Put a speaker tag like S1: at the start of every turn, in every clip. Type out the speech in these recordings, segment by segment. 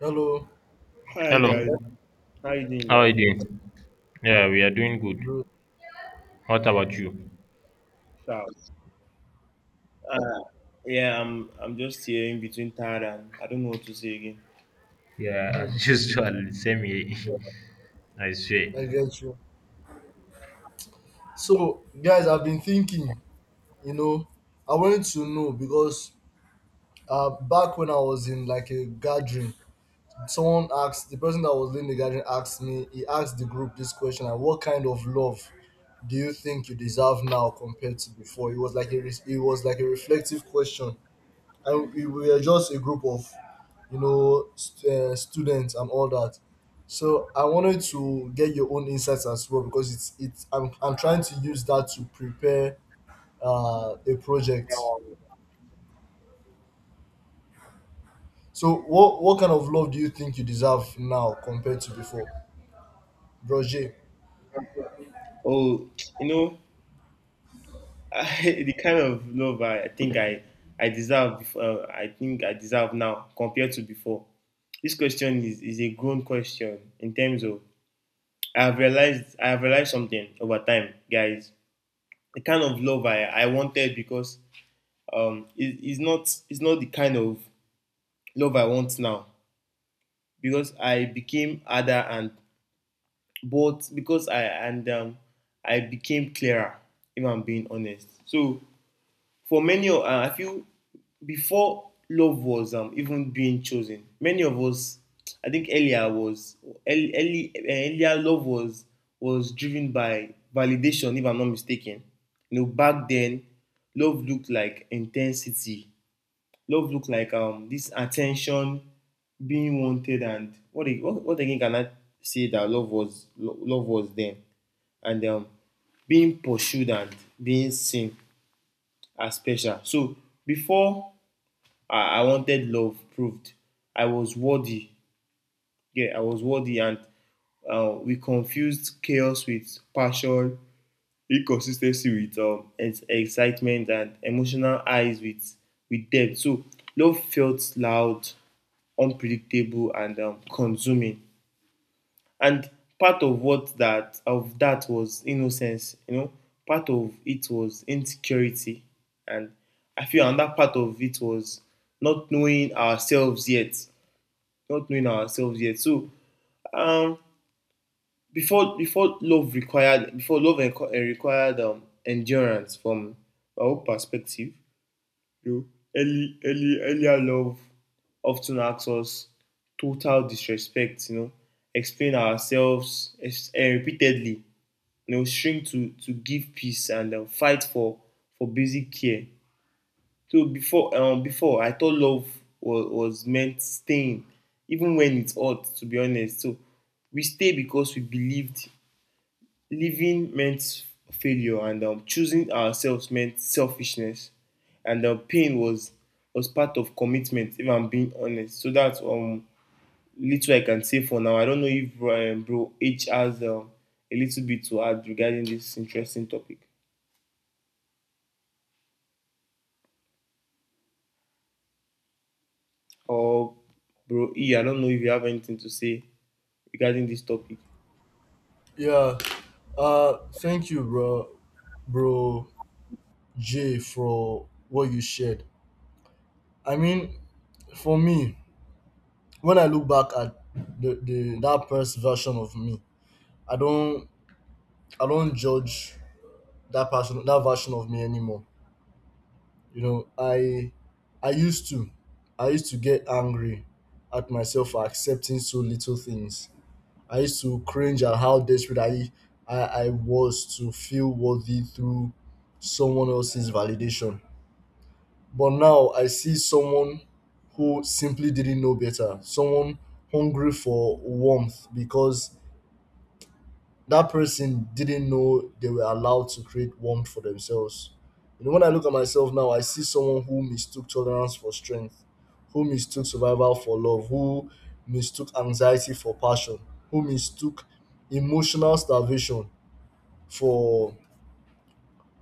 S1: Hello,
S2: Hi guys,
S3: Hello,
S2: how you doing,
S3: how are
S2: guys?
S3: you doing? Yeah, we are doing good.
S1: bro.
S3: What about you?
S2: Ciao. Uh, yeah, I'm just here in between tired and I don't know what to say again.
S3: Yeah, as usual, same here. I swear.
S1: I get you. So, guys, I've been thinking, you know, I wanted to know because back when I was in like a gathering, someone asked the person that was leading the gathering asked me, he asked the group this question, and what kind of love do you think you deserve now compared to before? It was like a reflective question, and we were just a group of you know, students and all that. So I wanted to get your own insights as well because it's I'm trying to use that to prepare a project. So what kind of love do you think you deserve now compared to before, bro J?
S2: Oh, you know, the kind of love I think I deserve before I think I deserve now compared to before. This question is a grown question in terms of I have realized something over time, guys. The kind of love I wanted because um it, it's not it's not the kind of love I want now. Because I became harder and both because I and I became clearer. If I'm being honest, so for many, I feel before love was even being chosen, many of us, I think earlier love was driven by validation. If I'm not mistaken, you know back then, love looked like intensity, love look like this attention, being wanted, and what again can I say that love was then, and being pursued and being seen as special. So before I wanted love proved I was worthy. Yeah, I was worthy, and we confused chaos with passion, inconsistency with excitement, and emotional highs with depth. So love felt loud, unpredictable, and consuming. And part of what that of that was innocence. You know, part of it was insecurity, and I feel another part of it was not knowing ourselves yet. Not knowing ourselves yet. So um, before love required endurance from our perspective. You know, early early earlier love often asks us total disrespect, you know, explain ourselves repeatedly, you know, shrink to give peace, and fight for basic care. So before I thought love was meant staying even when it's odd, to be honest. So we stay because we believed living meant failure, and choosing ourselves meant selfishness, and pain was part of commitment. If I'm being honest, so that's little I can say for now. I don't know if bro H has a little bit to add regarding this interesting topic, or bro E. I don't know if you have anything to say regarding this topic.
S1: Yeah. Thank you, bro, bro J, for what you shared. I mean, for me, when I look back at the that first version of me, I don't I don't judge that version of me anymore. You know, i used to I used to get angry at myself for accepting so little things. I used to cringe at how desperate I was to feel worthy through someone else's validation. But now I see someone who simply didn't know better, someone hungry for warmth because that person didn't know they were allowed to create warmth for themselves. You know, when I look at myself now, I see someone who mistook tolerance for strength, who mistook survival for love, who mistook anxiety for passion, who mistook emotional starvation for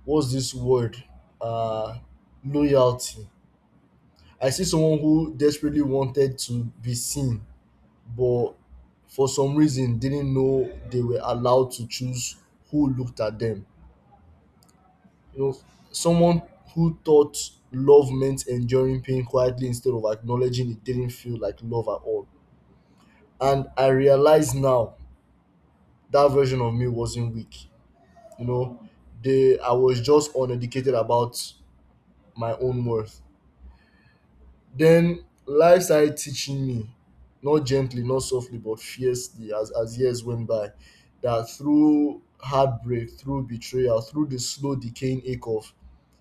S1: what's this word? Uh, loyalty. I see someone who desperately wanted to be seen, but for some reason didn't know they were allowed to choose who looked at them, you know, someone who thought love meant enduring pain quietly instead of acknowledging it didn't feel like love at all. And I realize now that version of me wasn't weak. You know, they I was just uneducated about my own worth. Then life started teaching me, not gently, not softly, but fiercely as years went by, that through heartbreak, through betrayal, through the slow decaying ache of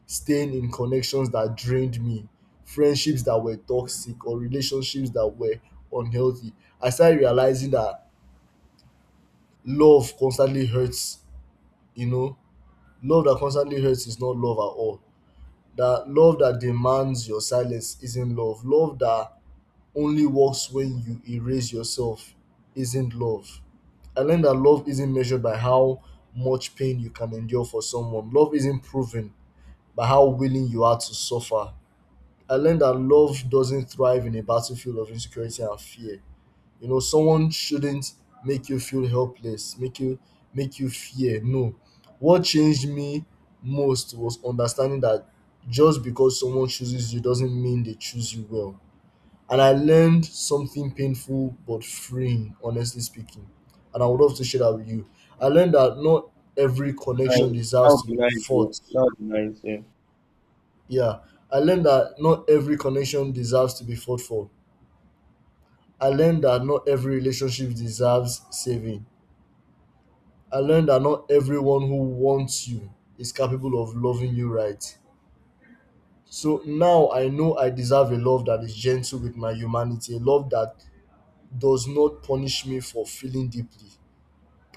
S1: staying in connections that drained me, friendships that were toxic, or relationships that were unhealthy. I started realizing that love constantly hurts, you know, love that constantly hurts is not love at all. That love that demands your silence isn't love. Love that only works when you erase yourself isn't love. I learned that love isn't measured by how much pain you can endure for someone. Love isn't proven by how willing you are to suffer. I learned that love doesn't thrive in a battlefield of insecurity and fear. You know, someone shouldn't make you feel helpless, make you fear. No. What changed me most was understanding that just because someone chooses you doesn't mean they choose you well. And I learned something painful but freeing, honestly speaking. And I would love to share that with you. I learned that not every connection
S2: Right. That
S1: deserves
S2: would
S1: to
S2: be
S1: be
S2: nice, bro.
S1: fought.
S2: That would be nice, yeah.
S1: Yeah. I learned that not every connection deserves to be fought for. I learned that not every relationship deserves saving. I learned that not everyone who wants you is capable of loving you right. So now I know I deserve a love that is gentle with my humanity, a love that does not punish me for feeling deeply.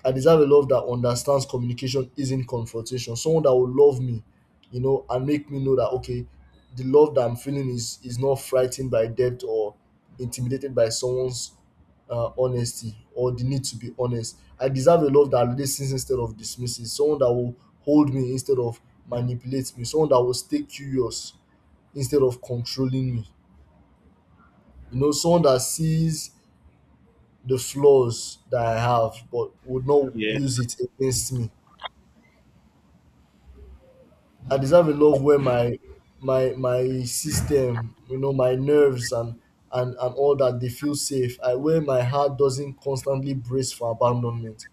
S1: I deserve a love that understands communication isn't confrontation. Someone that will love me, you know, and make me know that okay, the love that I'm feeling is not frightened by debt or intimidated by someone's honesty or the need to be honest. I deserve a love that listens instead of dismisses. Someone that will hold me instead of manipulate me. Someone that will stay curious instead of controlling me. You know, someone that sees the flaws that I have but would not
S2: Yeah.
S1: use it against me. I deserve a love where my system, you know, my nerves and and all that, they feel safe. I where my heart doesn't constantly brace for abandonment,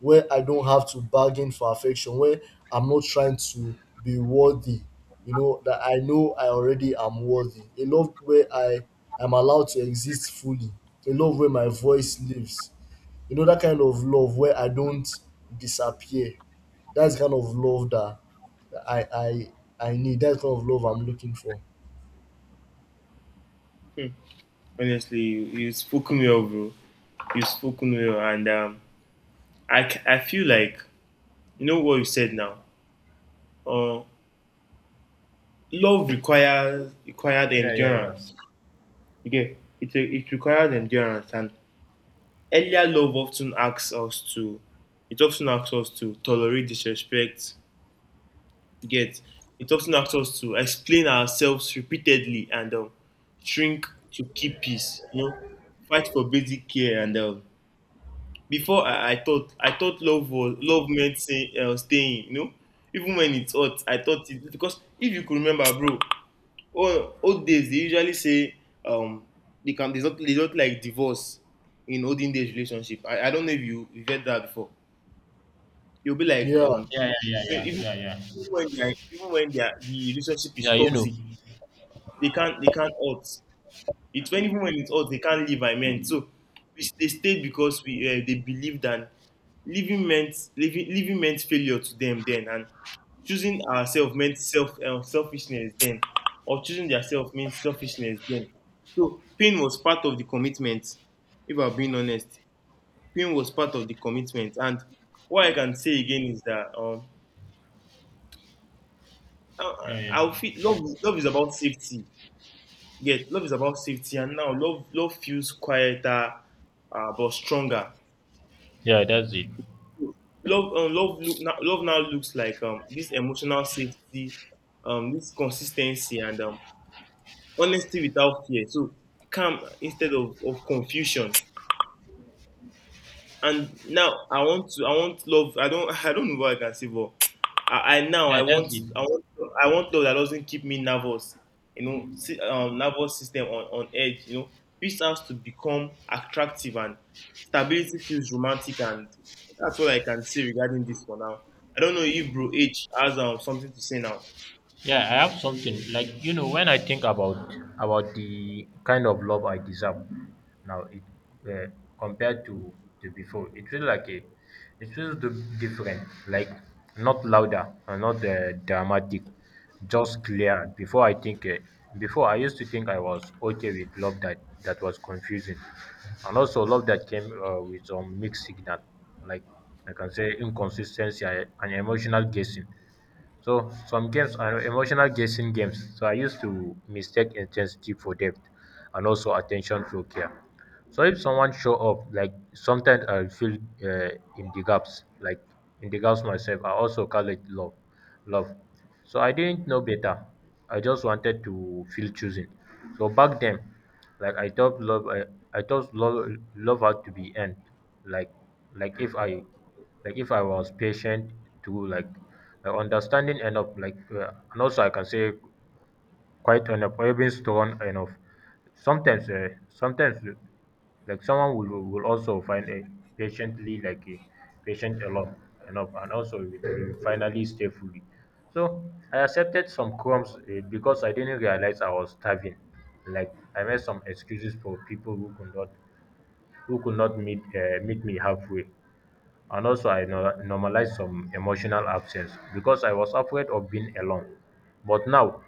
S1: where I don't have to bargain for affection, where I'm not trying to be worthy, you know, that I know I already am worthy. A love where I am allowed to exist fully. A love where my voice lives. You know, that kind of love where I don't disappear. That's the kind of love that I I I need. That kind of love I'm looking for.
S2: Hmm. Honestly, you spoken well, bro. You spoken well, and I feel like you know what you said now. Uh, love requires required
S3: Yeah, yeah,
S2: endurance.
S3: yeah.
S2: Okay, it requires endurance, and earlier love often asks us to. It often asks us to tolerate disrespect. Get It often asks us to explain ourselves repeatedly and shrink to keep peace. You know, fight for basic care and before I thought love was love meant staying, you know. Even when it's hot, I thought it, because if you could remember, bro, old days they usually say um they can they not they don't like divorce in olden days relationship. I don't know if you get that before. You'll be like
S1: Yeah,
S3: Yeah, yeah, yeah,
S2: even,
S3: yeah, yeah, yeah.
S2: even when they are, the relationship is
S3: Yeah, you know.
S2: toxic, they can't hurt. It's when even when it's hot, they can't leave. I meant. So they stayed because we they believed that living meant failure to them then, and choosing ourselves meant selfishness then, or choosing themselves meant selfishness then. So pain was part of the commitment. If I'm being honest, pain was part of the commitment. And what I can say again is that I,
S3: Yeah, yeah.
S2: I feel love is about safety. Yes, love is about safety, and now love feels quieter, but stronger.
S3: Yeah, that's it.
S2: Love now looks like this emotional safety, this consistency, and honesty without fear. So calm instead of confusion. And now I want love. I don't I don't know what I can say, but
S3: Yeah, that's it.
S2: I want love that doesn't keep me nervous, you know, nervous system on edge, you know, peace has to become attractive and stability feels romantic. And that's what I can say regarding this for now. I don't know if bro H has something to say now.
S3: Yeah, I have something. When I think about the kind of love I deserve now, it uh, compared to before, it feels like a it feels different, like not louder or not dramatic, just clear. Before, I think before I used to think I was okay with love that was confusing, and also love that came with some mixed signal, like I can say inconsistency and emotional guessing. So some games are emotional guessing games. So I used to mistake intensity for depth, and also attention for care. So if someone show up, like sometimes I feel uh, in the gaps, like in the gaps myself. I also call it love, love. So I didn't know better. I just wanted to feel chosen. So back then, like I thought love, love had to be end. Like, like, if I if I was patient to like understanding enough, like and also I can say quite enough or even strong enough. Sometimes, like someone will also find a patiently, like a patient enough and also it will finally stay fully. So I accepted some crumbs because I didn't realize I was starving. Like I made some excuses for people who could not meet meet me halfway. And also, I normalized some emotional absence because I was afraid of being alone. But now,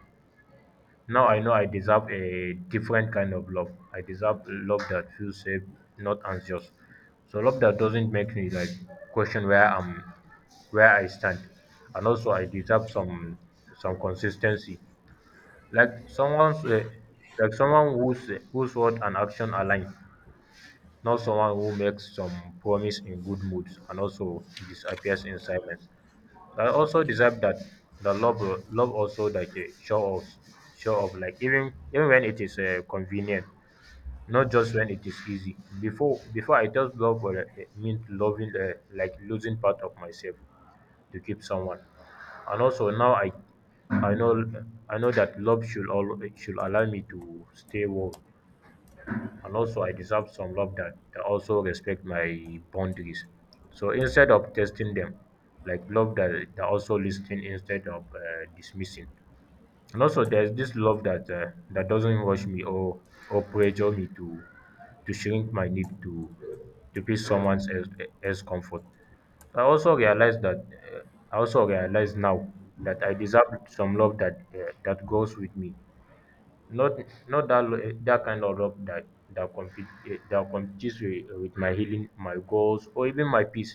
S3: now I know I deserve a different kind of love. I deserve love that feels safe, not anxious. So love that doesn't make me like question where I stand. And also, I deserve some consistency, like someone whose word and action align, not someone who makes some promise in good moods and also disappears in silence. So I also deserve that the love also, like show off like even when it is convenient, not just when it is easy. Before, I just, love meant loving, like losing part of myself to keep someone. And also, now I know I know that love should all should allow me to stay warm. And also, I deserve some love that also respect my boundaries. So instead of testing them, like love that also listening instead of dismissing. And also, there's this love that doesn't rush me or pressure me to shrink my need to be someone else, else comfort. I also realize that uh, I also realize now that I deserve some love that that goes with me, not not that lo dat kind of love that that competes with with my healing, my goals, or even my peace.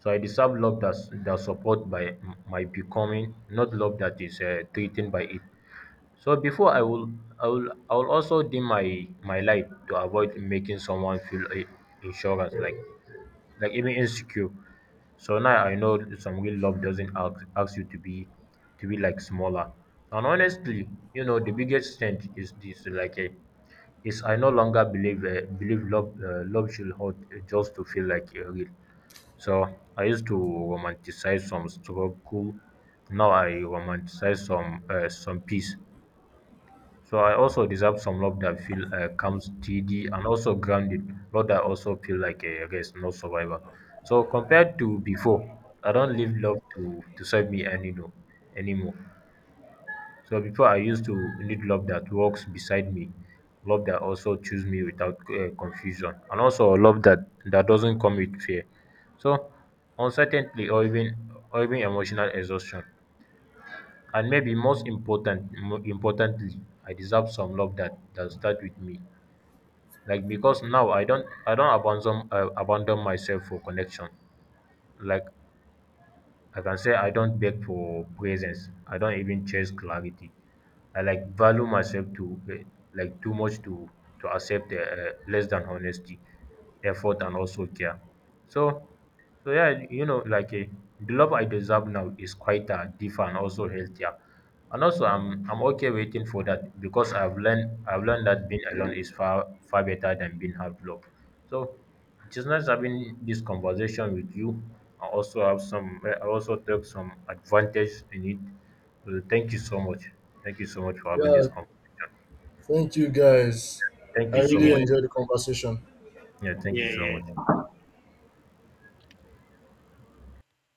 S3: So I deserve love dat that support by my becoming, not love that is by it. So before, I will also dim my light to avoid making someone feel I- insurance like even insecure. So now I know some real love doesn't ask you to be like smaller. And honestly, you know, the biggest change is this, like a is I no longer believe love love should hurt, just to feel like real. So I used to romanticize some struggle. Now I romanticize some peace. So I also deserve some love that feel calm, steady, and also grounded. Love that also feel like a rest, not survivor. So compared to before, I don't need love to serve me any no, anymore. So before I used to need love that walks beside me, love that also choose me without confusion, and also a love that doesn't come with fear. So uncertainty, or even emotional exhaustion. And maybe most importantly, I deserve some love that start with me. Like because now I don't abandon, abandon myself for connection. Like I can say I don't beg for presence. I don't even chase clarity. I like value myself to, eh, like too much to accept less than honesty, effort, and also care. So, so yeah, you know, like the love I deserve now is quite deeper and also healthier. And also, I'm okay waiting for that because I've learned that being alone is far better than being half loved. So it is nice having this conversation with you. I also have some, I also took some advantage in it. Thank you so much. Thank you so much for having this
S1: yeah.
S3: conversation.
S1: Thank you guys.
S3: Thank
S1: I
S3: you
S2: Thank you
S3: so
S1: really
S3: much.
S2: guys.
S1: enjoyed the conversation.
S3: Yeah, thank
S2: Yeah,
S3: you so much.
S2: yeah.